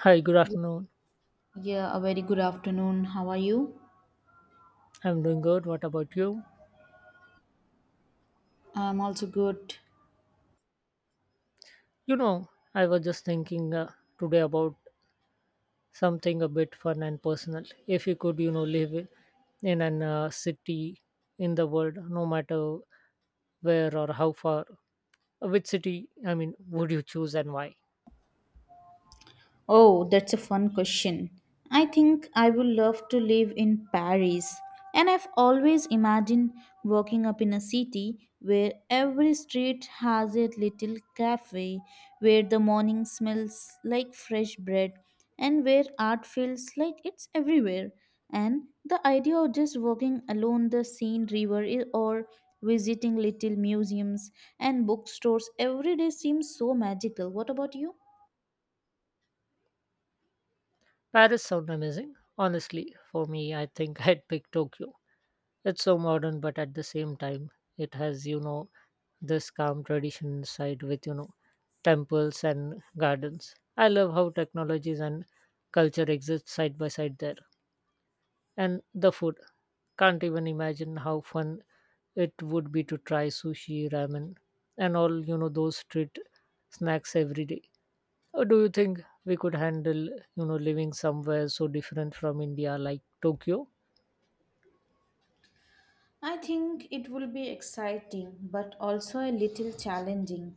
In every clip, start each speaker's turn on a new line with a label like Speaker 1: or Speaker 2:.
Speaker 1: Hi, good afternoon.
Speaker 2: Yeah, a very good afternoon. How are you?
Speaker 1: I'm doing good. What about you?
Speaker 2: I'm also good.
Speaker 1: I was just thinking today about something a bit fun and personal. If you could, live in an city in the world, no matter where or how far, which city, I mean, would you choose and why?
Speaker 2: Oh, that's a fun question. I think I would love to live in Paris. And I've always imagined walking up in a city where every street has a little cafe, where the morning smells like fresh bread, and where art feels like it's everywhere. And the idea of just walking along the Seine River or visiting little museums and bookstores every day seems so magical. What about you?
Speaker 1: Paris sound amazing. Honestly, for me, I think I'd pick Tokyo. It's so modern, but at the same time, it has, this calm tradition side with, temples and gardens. I love how technologies and culture exist side by side there. And the food. Can't even imagine how fun it would be to try sushi, ramen, and all, those street snacks every day. Or do you think we could handle, living somewhere so different from India like Tokyo?
Speaker 2: I think it will be exciting but also a little challenging.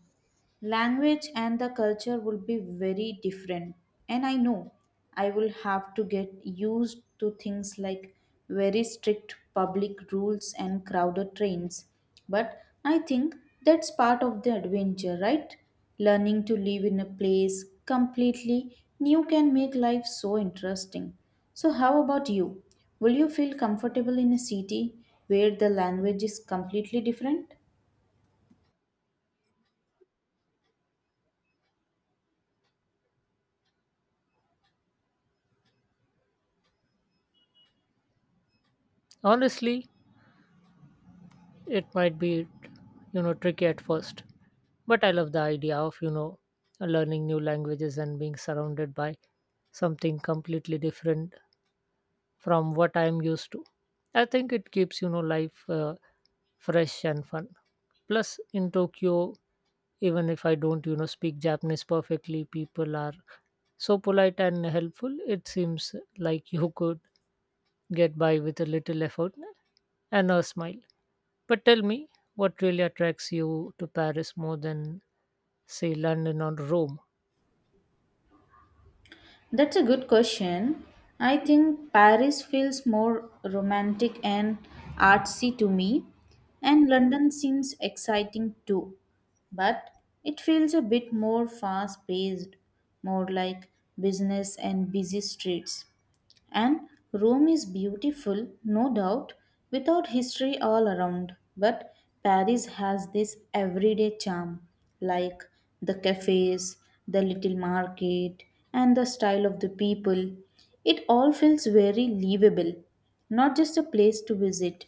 Speaker 2: Language and the culture will be very different, and I know I will have to get used to things like very strict public rules and crowded trains. But I think that's part of the adventure, right? Learning to live in a place completely new can make life so interesting. So, how about you? Will you feel comfortable in a city where the language is completely different?
Speaker 1: Honestly, it might be, tricky at first, but I love the idea of, learning new languages and being surrounded by something completely different from what I'm used to. I think it keeps life fresh and fun. Plus, in Tokyo, even if I don't speak Japanese perfectly, people are so polite and helpful. It seems like you could get by with a little effort and a smile. But tell me, what really attracts you to Paris more than, say, London or Rome?
Speaker 2: That's a good question. I think Paris feels more romantic and artsy to me, and London seems exciting too. But it feels a bit more fast paced, more like business and busy streets. And Rome is beautiful, no doubt, without history all around. But Paris has this everyday charm, like the cafes, the little market, and the style of the people. It all feels very livable, not just a place to visit.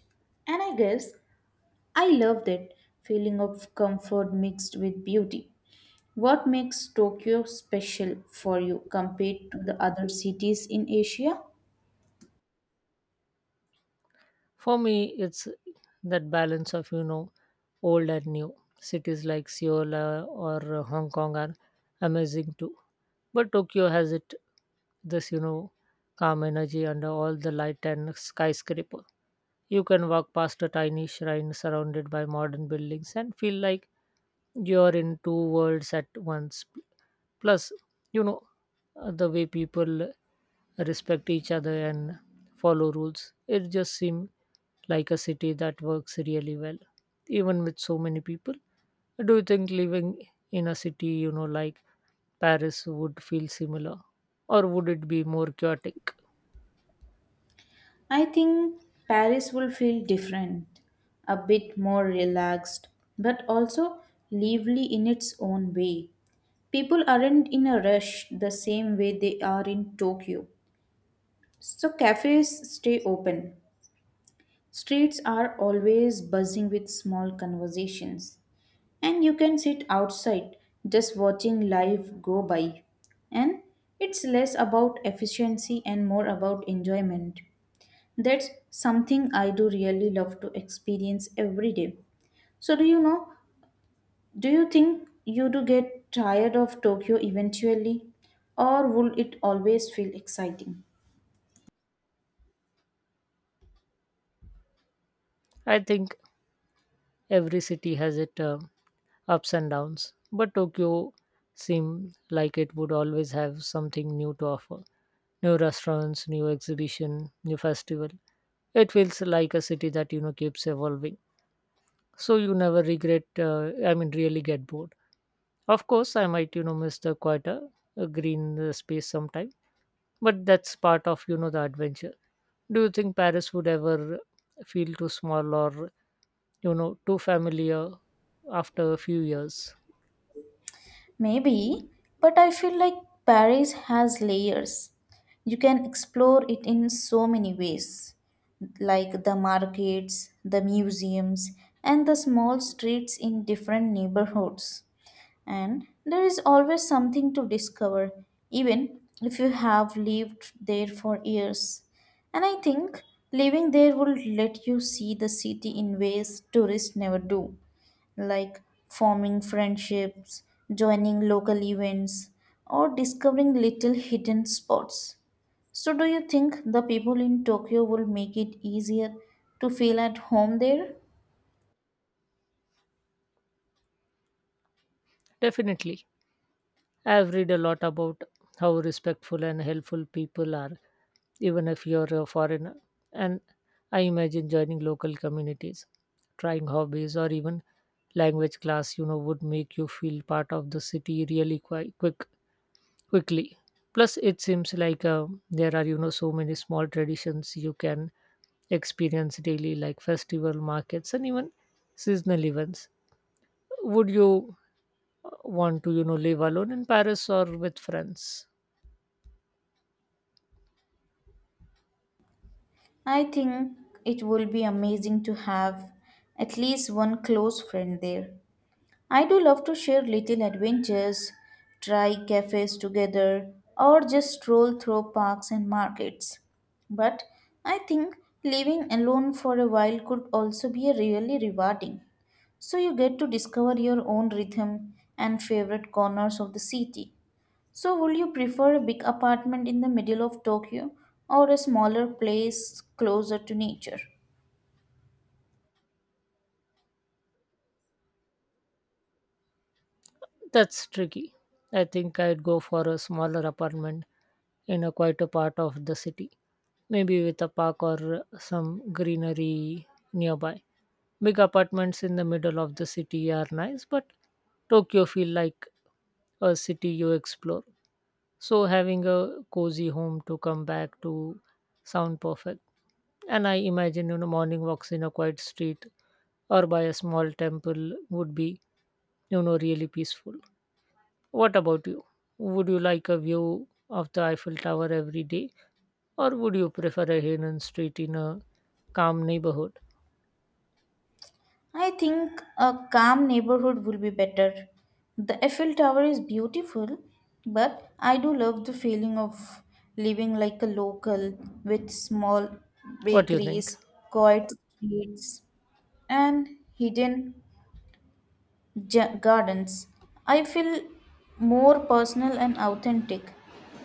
Speaker 2: And I guess I love that feeling of comfort mixed with beauty. What makes Tokyo special for you compared to the other cities in Asia?
Speaker 1: For me, it's that balance of, old and new. Cities like Seoul or Hong Kong are amazing too. But Tokyo has it this, calm energy under all the light and skyscraper. You can walk past a tiny shrine surrounded by modern buildings and feel like you're in two worlds at once. Plus, you know, the way people respect each other and follow rules, it just seems like a city that works really well even with so many people. Do you think living in a city like Paris would feel similar, or would it be more chaotic?
Speaker 2: I think Paris will feel different, a bit more relaxed, but also lively in its own way. People aren't in a rush the same way they are in Tokyo. So cafes stay open. Streets are always buzzing with small conversations. And you can sit outside just watching life go by. And it's less about efficiency and more about enjoyment. That's something I do really love to experience every day. So do you think you do get tired of Tokyo eventually or will it always feel exciting?
Speaker 1: I think every city has its ups and downs, but Tokyo seemed like it would always have something new to offer: new restaurants, new exhibition, new festival. It feels like a city that keeps evolving, so you never regret I mean really get bored. Of course, I might, miss the quieter green space sometime, but that's part of, the adventure. Do you think Paris would ever feel too small or, too familiar after a few years?
Speaker 2: Maybe, but I feel like Paris has layers. You can explore it in so many ways, like the markets, the museums, and the small streets in different neighborhoods. And there is always something to discover, even if you have lived there for years. And I think living there will let you see the city in ways tourists never do, like forming friendships, joining local events, or discovering little hidden spots. So, do you think the people in Tokyo will make it easier to feel at home there?
Speaker 1: Definitely. I've read a lot about how respectful and helpful people are, even if you're a foreigner. And I imagine joining local communities, trying hobbies, or even language class, would make you feel part of the city really quite quick quickly. Plus, it seems like there are so many small traditions you can experience daily, like festival markets and even seasonal events. Would you want to live alone in Paris or with friends?
Speaker 2: I think it will be amazing to have at least one close friend there. I do love to share little adventures, try cafes together, or just stroll through parks and markets. But I think living alone for a while could also be really rewarding. So you get to discover your own rhythm and favorite corners of the city. So, would you prefer a big apartment in the middle of Tokyo or a smaller place closer to nature?
Speaker 1: That's tricky. I think I'd go for a smaller apartment in a quieter part of the city, maybe with a park or some greenery nearby. Big apartments in the middle of the city are nice, but Tokyo feel like a city you explore. So having a cozy home to come back to sound perfect. And I imagine morning walks in a quiet street or by a small temple would be really peaceful. What about you? Would you like a view of the Eiffel Tower every day, or would you prefer a hidden street in a calm neighborhood?
Speaker 2: I think a calm neighborhood will be better. The Eiffel Tower is beautiful, but I do love the feeling of living like a local with small
Speaker 1: What do you think?
Speaker 2: bakeries, quiet streets, and hidden gardens. I feel more personal and authentic,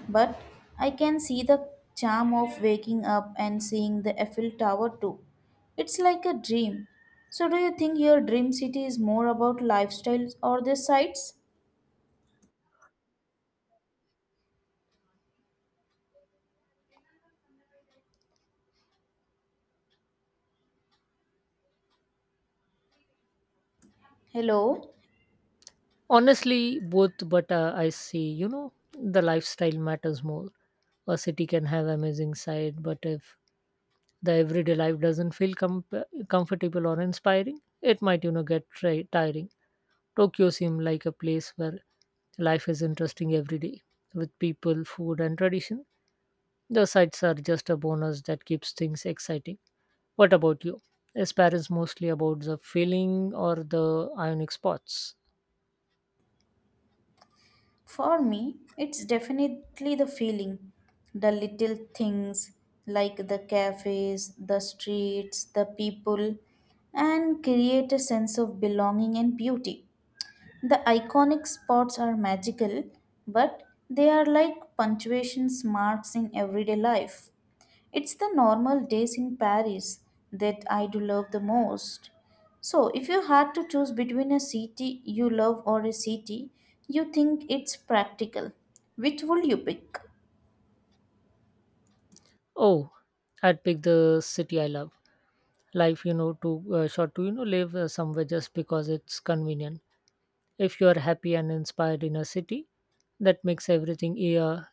Speaker 2: but I can see the charm of waking up and seeing the Eiffel Tower too. It's like a dream. So, do you think your dream city is more about lifestyles or the sights? Hello?
Speaker 1: Honestly, both, but I see, the lifestyle matters more. A city can have amazing sight, but if the everyday life doesn't feel comfortable or inspiring, it might, get tiring. Tokyo seemed like a place where life is interesting every day with people, food, and tradition. The sights are just a bonus that keeps things exciting. What about you? Is Paris mostly about the feeling or the ionic spots?
Speaker 2: For me, it's definitely the feeling. The little things like the cafes, the streets, the people, and create a sense of belonging and beauty. The iconic spots are magical, but they are like punctuation marks in everyday life. It's the normal days in Paris that I do love the most. So, if you had to choose between a city you love or a city you think it's practical, which would you pick?
Speaker 1: Oh, I'd pick the city I love. Life, too short to live somewhere just because it's convenient. If you are happy and inspired in a city, that makes everything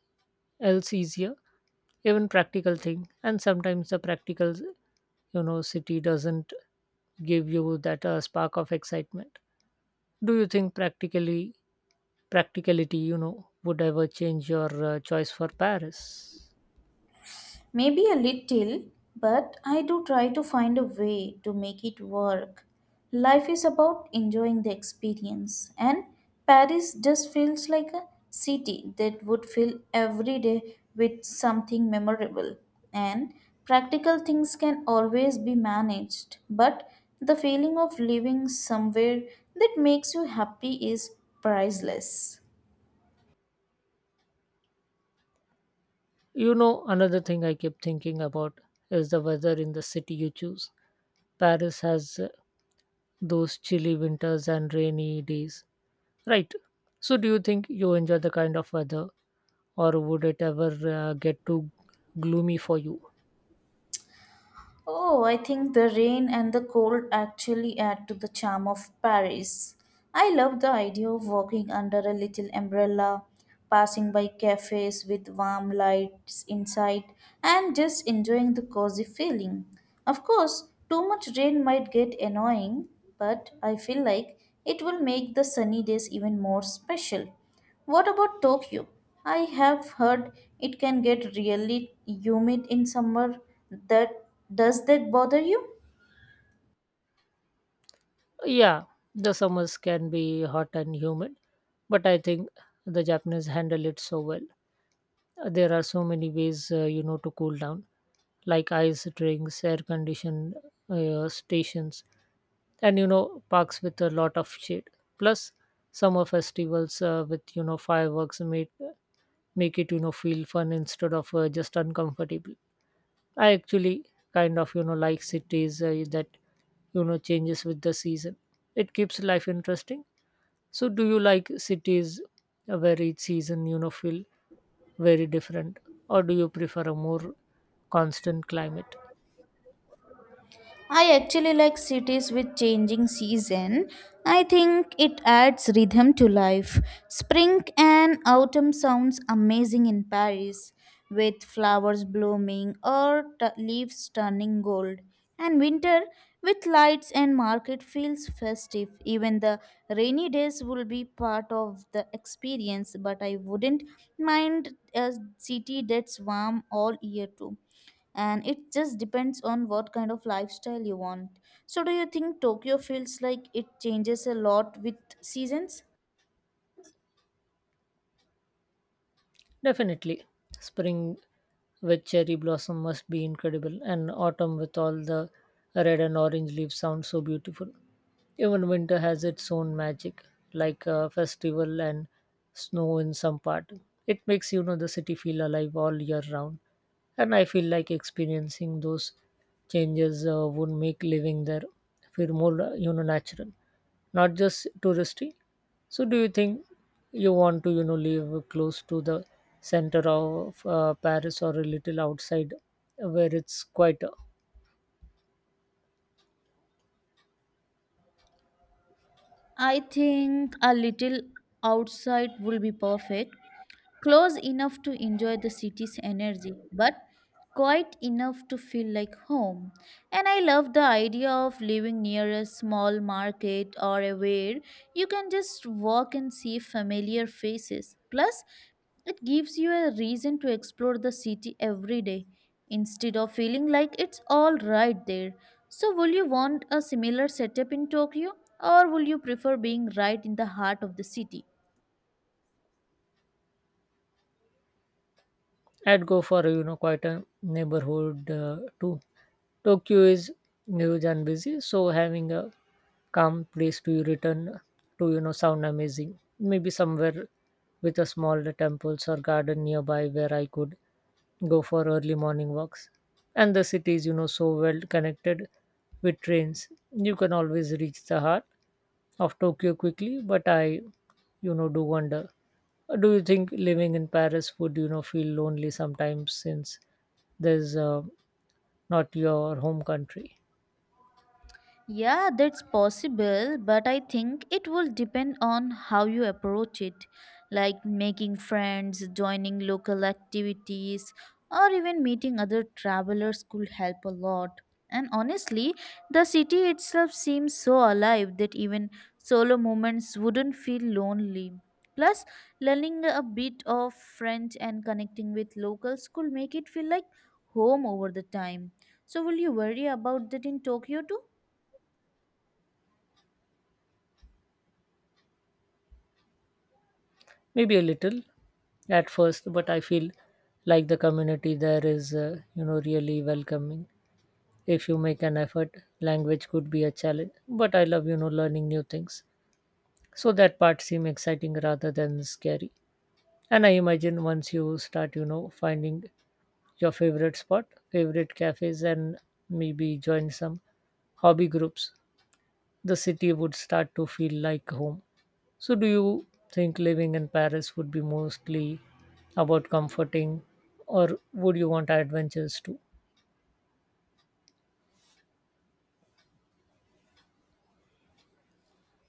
Speaker 1: else easier. Even practical thing, and sometimes the practical, city doesn't give you that spark of excitement. Do you think practically practicality, would ever change your choice for Paris?
Speaker 2: Maybe a little, but I do try to find a way to make it work. Life is about enjoying the experience, and Paris just feels like a city that would fill every day with something memorable. And practical things can always be managed, but the feeling of living somewhere that makes you happy is priceless.
Speaker 1: Another thing I keep thinking about is the weather in the city you choose. Paris has those chilly winters and rainy days, right? So, do you think you enjoy the kind of weather, or would it ever get too gloomy for you?
Speaker 2: Oh, I think the rain and the cold actually add to the charm of Paris. I love the idea of walking under a little umbrella, passing by cafes with warm lights inside, and just enjoying the cozy feeling. Of course, too much rain might get annoying, but I feel like it will make the sunny days even more special. What about Tokyo? I have heard it can get really humid in summer. That does that bother you?
Speaker 1: Yeah, the summers can be hot and humid, but I think the Japanese handle it so well. There are so many ways, to cool down, like ice drinks, air conditioned stations, and parks with a lot of shade. Plus, summer festivals with fireworks make it feel fun instead of just uncomfortable. I actually kind of like cities that changes with the season. It keeps life interesting. So, do you like cities where each season, feel very different, or do you prefer a more constant climate?
Speaker 2: I actually like cities with changing season. I think it adds rhythm to life. Spring and autumn sounds amazing in Paris with flowers blooming or leaves turning gold. And winter with lights and market feels festive. Even the rainy days will be part of the experience, but I wouldn't mind a city that's warm all year too and it just depends on what kind of lifestyle you want. So, do you think Tokyo feels like it changes a lot with seasons?
Speaker 1: Definitely. Spring with cherry blossom must be incredible, and autumn with all the red and orange leaves sounds so beautiful. Even winter has its own magic, like a festival and snow in some part. It makes the city feel alive all year round, and I feel like experiencing those changes would make living there feel more natural, not just touristy. So, do you think you want to, live close to the center of Paris or a little outside where it's quieter?
Speaker 2: I think a little outside will be perfect. Close enough to enjoy the city's energy, but quite enough to feel like home. And I love the idea of living near a small market or a where you can just walk and see familiar faces. Plus, it gives you a reason to explore the city every day instead of feeling like it's all right there. So, will you want a similar setup in Tokyo or will you prefer being right in the heart of the city?
Speaker 1: I'd go for quite a neighborhood too. Tokyo is huge and busy, so having a calm place to return to sound amazing. Maybe somewhere with a small temples or garden nearby where I could go for early morning walks. And the city is so well connected with trains. You can always reach the heart of Tokyo quickly, but I do wonder, do you think living in Paris would feel lonely sometimes since there's not your home country?
Speaker 2: Yeah, that's possible, but I think it will depend on how you approach it, like making friends, joining local activities, or even meeting other travelers could help a lot. And honestly, the city itself seems so alive that even solo moments wouldn't feel lonely. Plus, learning a bit of French and connecting with locals could make it feel like home over the time. So, will you worry about that in Tokyo too?
Speaker 1: Maybe a little at first, but I feel like the community there is really welcoming. If you make an effort, language could be a challenge, but I love learning new things. So that part seem exciting rather than scary. And I imagine once you start, finding your favorite spot, favorite cafes, and maybe join some hobby groups the city would start to feel like home. So, do you think living in Paris would be mostly about comforting, or would you want adventures too?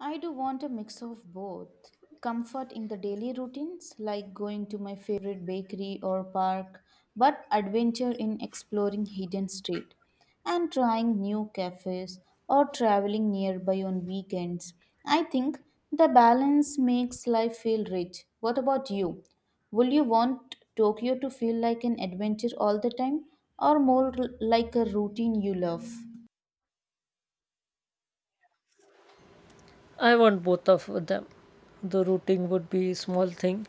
Speaker 2: I do want a mix of both. Comfort in the daily routines, like going to my favorite bakery or park, but adventure in exploring hidden street and trying new cafes or traveling nearby on weekends. I think the balance makes life feel rich. What about you? Will you want Tokyo to feel like an adventure all the time or more like a routine you love?
Speaker 1: I want both of them. The routing would be small thing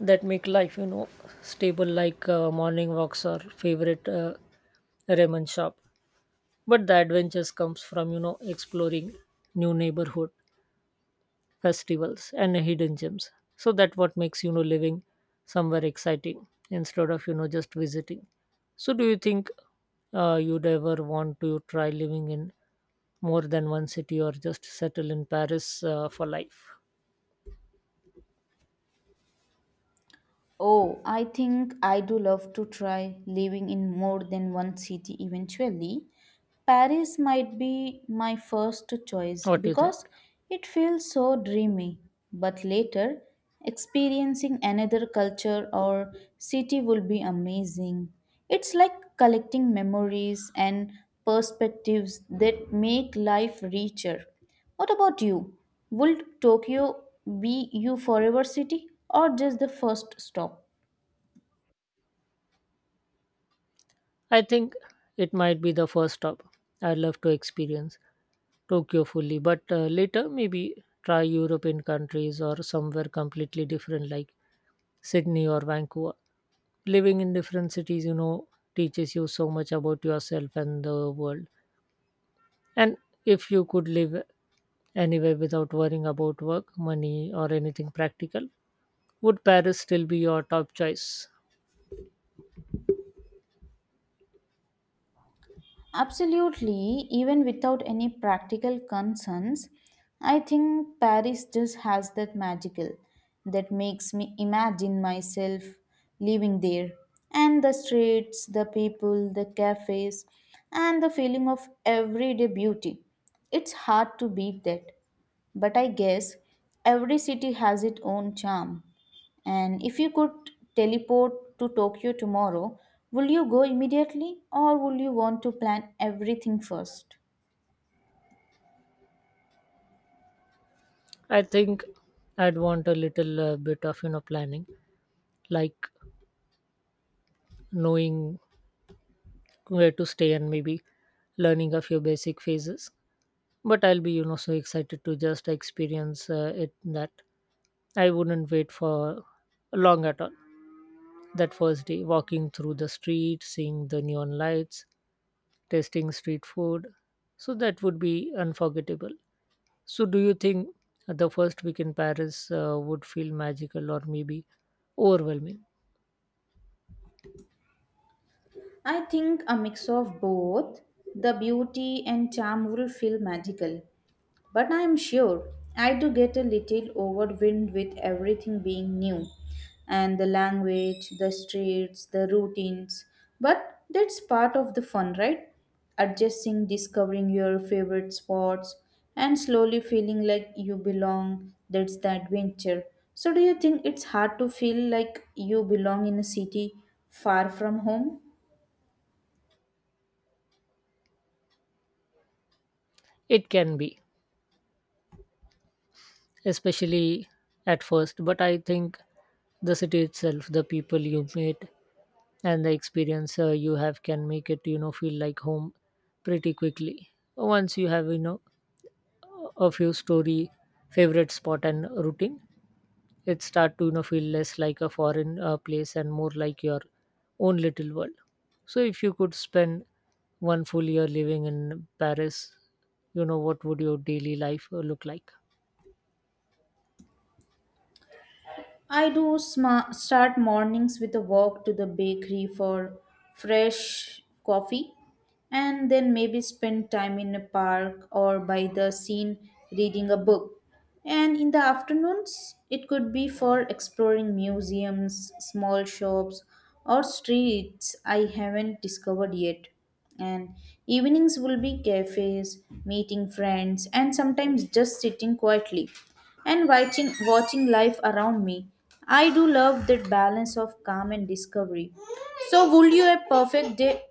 Speaker 1: that make life, stable like morning walks or favorite ramen shop. But the adventures comes from exploring new neighborhood, festivals and hidden gems, so that what makes living somewhere exciting instead of just visiting. So do you think you'd ever want to try living in more than one city or just settle in Paris for life?
Speaker 2: Oh, I think I do love to try living in more than one city eventually. Paris might be my first choice
Speaker 1: What do you
Speaker 2: because
Speaker 1: think?
Speaker 2: it feels so dreamy. But later, experiencing another culture or city will be amazing. It's like collecting memories and perspectives that make life richer. What about you? Would Tokyo be your forever city or just the first stop?
Speaker 1: I think it might be the first stop. I'd love to experience Tokyo fully, but later maybe try European countries or somewhere completely different like Sydney or Vancouver. Living in different cities, teaches you so much about yourself and the world. And if you could live anywhere without worrying about work, money, or anything practical, would Paris still be your top choice?
Speaker 2: Absolutely, even without any practical concerns, I think Paris just has that magical that makes me imagine myself living there. And the streets, the people, the cafes, and the feeling of everyday beauty. It's hard to beat that. But I guess every city has its own charm. And if you could teleport to Tokyo tomorrow, would you go immediately or would you want to plan everything first?
Speaker 1: I think I'd want a little bit of planning, like knowing where to stay and maybe learning a few basic phases, but I'll be so excited to just experience it that I wouldn't wait for long at all. That first day, walking through the street, seeing the neon lights, tasting street food, so that would be unforgettable. So do you think the first week in Paris would feel magical or maybe overwhelming?
Speaker 2: I think a mix of both. The beauty and charm will feel magical, but I am sure I do get a little overwhelmed with everything being new and the language, the streets, the routines. But that's part of the fun, right? Adjusting, discovering your favorite spots, and slowly feeling like you belong. That's the adventure. So, do you think it's hard to feel like you belong in a city far from home?
Speaker 1: It can be, especially at first. But I think the city itself, the people you meet, and the experience you have can make it feel like home pretty quickly once you have a few story, favorite spot, and routine. It start to feel less like a foreign place and more like your own little world. So if you could spend 1 full year living in paris, what would your daily life look like?
Speaker 2: I do start mornings with a walk to the bakery for fresh coffee and then maybe spend time in a park or by the scene reading a book. And in the afternoons, it could be for exploring museums, small shops, or streets I haven't discovered yet. And evenings will be cafes, meeting friends, and sometimes just sitting quietly and watching life around me. I do love that balance of calm and discovery. So, would you a perfect day?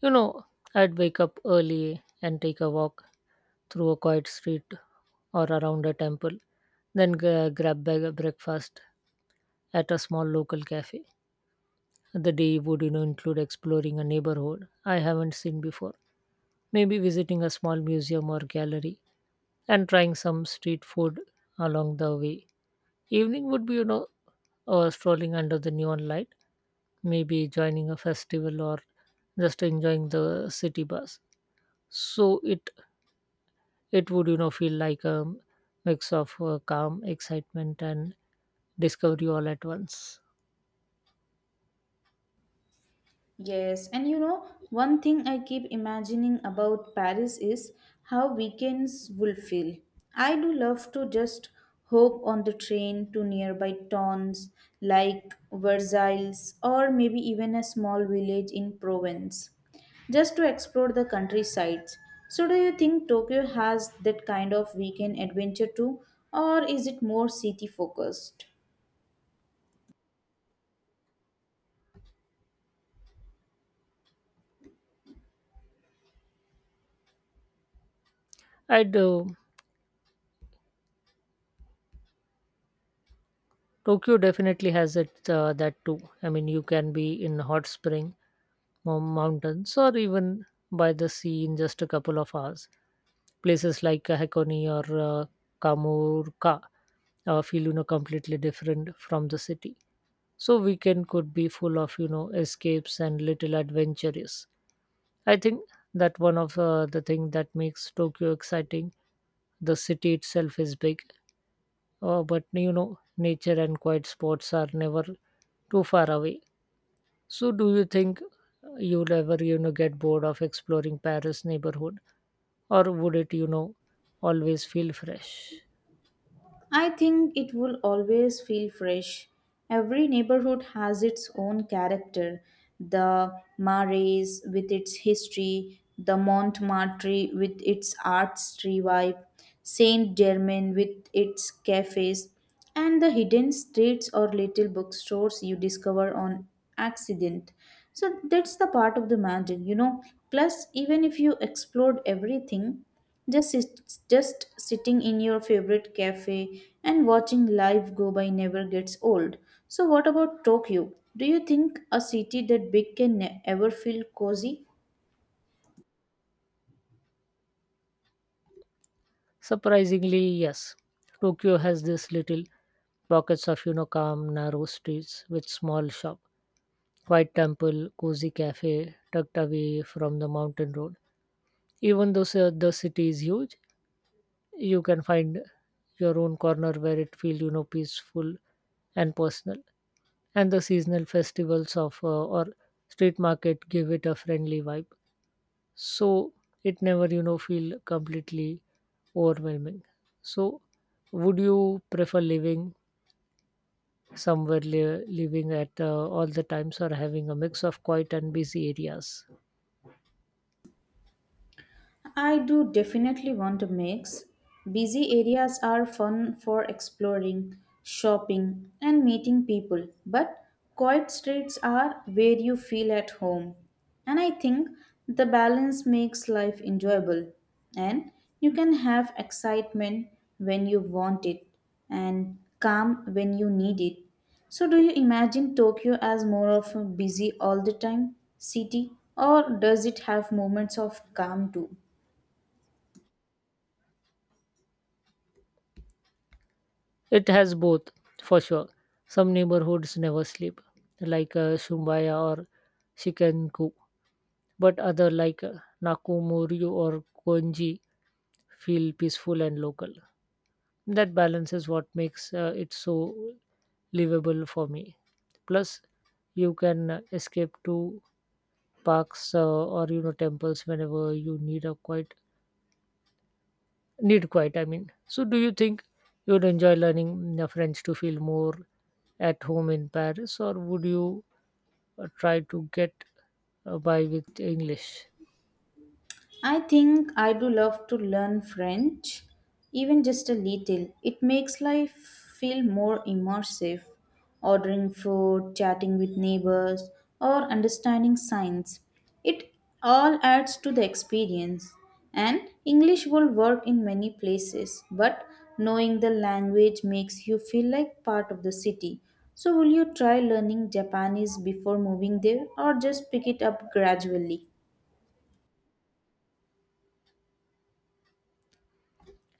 Speaker 1: You know, I'd wake up early and take a walk through a quiet street or around a temple, then grab breakfast at a small local cafe. The day would, you know, include exploring a neighborhood I haven't seen before, maybe visiting a small museum or gallery, and trying some street food along the way. Evening would be, you know, strolling under the neon light, maybe joining a festival or just enjoying the city bus. So it would feel like a mix of calm, excitement, and discovery all at once.
Speaker 2: Yes, and one thing I keep imagining about Paris is how weekends will feel. I do love to just hop on the train to nearby towns like Versailles or maybe even a small village in Provence just to explore the countryside. So, do you think Tokyo has that kind of weekend adventure too, or is it more city focused?
Speaker 1: And tokyo definitely has it that too. I mean, you can be in hot spring mountains or even by the sea in just a couple of hours. Places like hakone or kamurka feel completely different from the city. So weekend could be full of escapes and little adventures. I think that one of the thing that makes Tokyo exciting, the city itself is big, but you know, nature and quiet spots are never too far away. So, do you think you'll ever, you know, get bored of exploring Paris neighborhood, or would it, you know, always feel fresh?
Speaker 2: I think it will always feel fresh. Every neighborhood has its own character. The Marais with its history, the Montmartre with its arts revive, Saint Germain with its cafes, and the hidden streets or little bookstores you discover on accident. So that's the part of the magic, you know. Plus, even if you explored everything, just sitting in your favorite cafe and watching life go by never gets old. So, what about Tokyo? Do you think a city that big can ever feel cozy?
Speaker 1: Surprisingly, yes. Tokyo has this little pockets of, you know, calm, narrow streets with small shop, quiet temple, cozy cafe tucked away from the mountain road. Even though the city is huge, you can find your own corner where it feels peaceful and personal. And the seasonal festivals of or street market give it a friendly vibe. So it never feel completely overwhelming. So would you prefer living living at all the times, or having a mix of quiet and busy areas?
Speaker 2: I do definitely want a mix. Busy areas are fun for exploring, shopping, and meeting people, but quiet streets are where you feel at home. And I think the balance makes life enjoyable, and you can have excitement when you want it and calm when you need it. So, do you imagine Tokyo as more of a busy all the time city, or does it have moments of calm too?
Speaker 1: It has both, for sure. Some neighborhoods never sleep, like Shumbaya or Shikanku, but other like Nakumori or Konji feel peaceful and local. That balance is what makes it so livable for me. Plus, you can escape to parks or temples whenever you need a quiet. Need quiet, I mean. So, do you think you'd enjoy learning French to feel more at home in Paris, or would you try to get by with English?
Speaker 2: I think I do love to learn French, even just a little. It makes life feel more immersive. Ordering food, chatting with neighbors, or understanding signs. It all adds to the experience. And English will work in many places, but knowing the language makes you feel like part of the city. So, will you try learning Japanese before moving there or just pick it up gradually?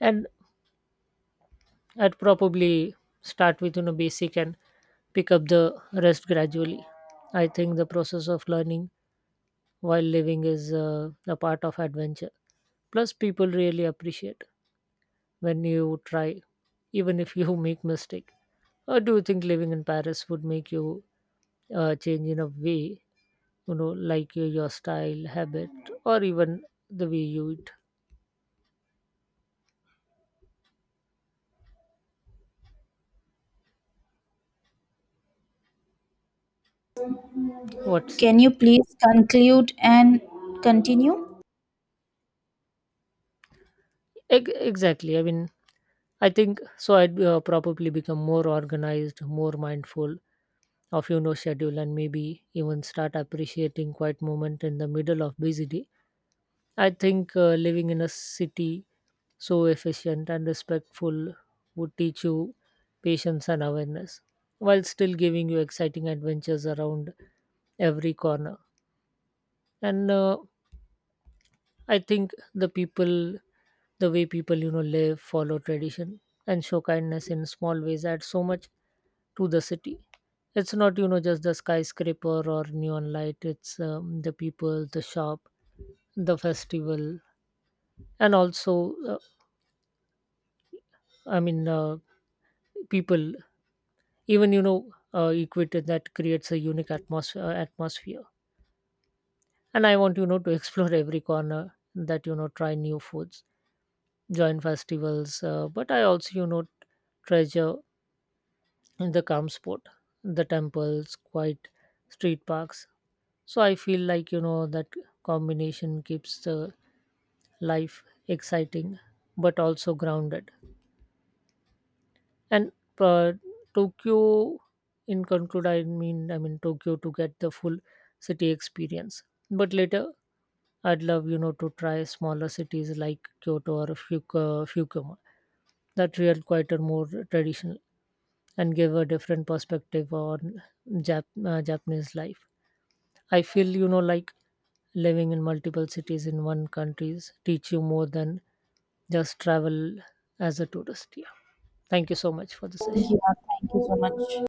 Speaker 1: And I'd probably start with basic and pick up the rest gradually. I think the process of learning while living is a part of adventure. Plus, people really appreciate when you try, even if you make mistake. Or do you think living in Paris would make you change in a way, like your style habit, or even the way you eat. What's
Speaker 2: Can you please conclude and continue?
Speaker 1: Exactly. I mean, I think so I'd probably become more organized, more mindful of schedule, and maybe even start appreciating quiet moment in the middle of busy day. I think living in a city so efficient and respectful would teach you patience and awareness while still giving you exciting adventures around every corner. And I think the people, the way people live, follow tradition, and show kindness in small ways add so much to the city. It's not just the skyscraper or neon light, it's the people, the shop, the festival. And also i mean uh, people, even equator, that creates a unique atmosphere. And I want to explore every corner, that you know try new foods, join festivals, but I also, you know, treasure in the calm spot, the temples, quiet street parks. So I feel like, you know, that combination keeps the life exciting but also grounded. And uh, Tokyo, in conclude, I mean Tokyo to get the full city experience. But later I'd love, you know, to try smaller cities like Kyoto or Fukuoka that feel quieter, more traditional, and give a different perspective on Japanese life. I feel, you know, like living in multiple cities in one countries teach you more than just travel as a tourist. Yeah. Thank you so much for the session.
Speaker 2: Yeah, thank you so much.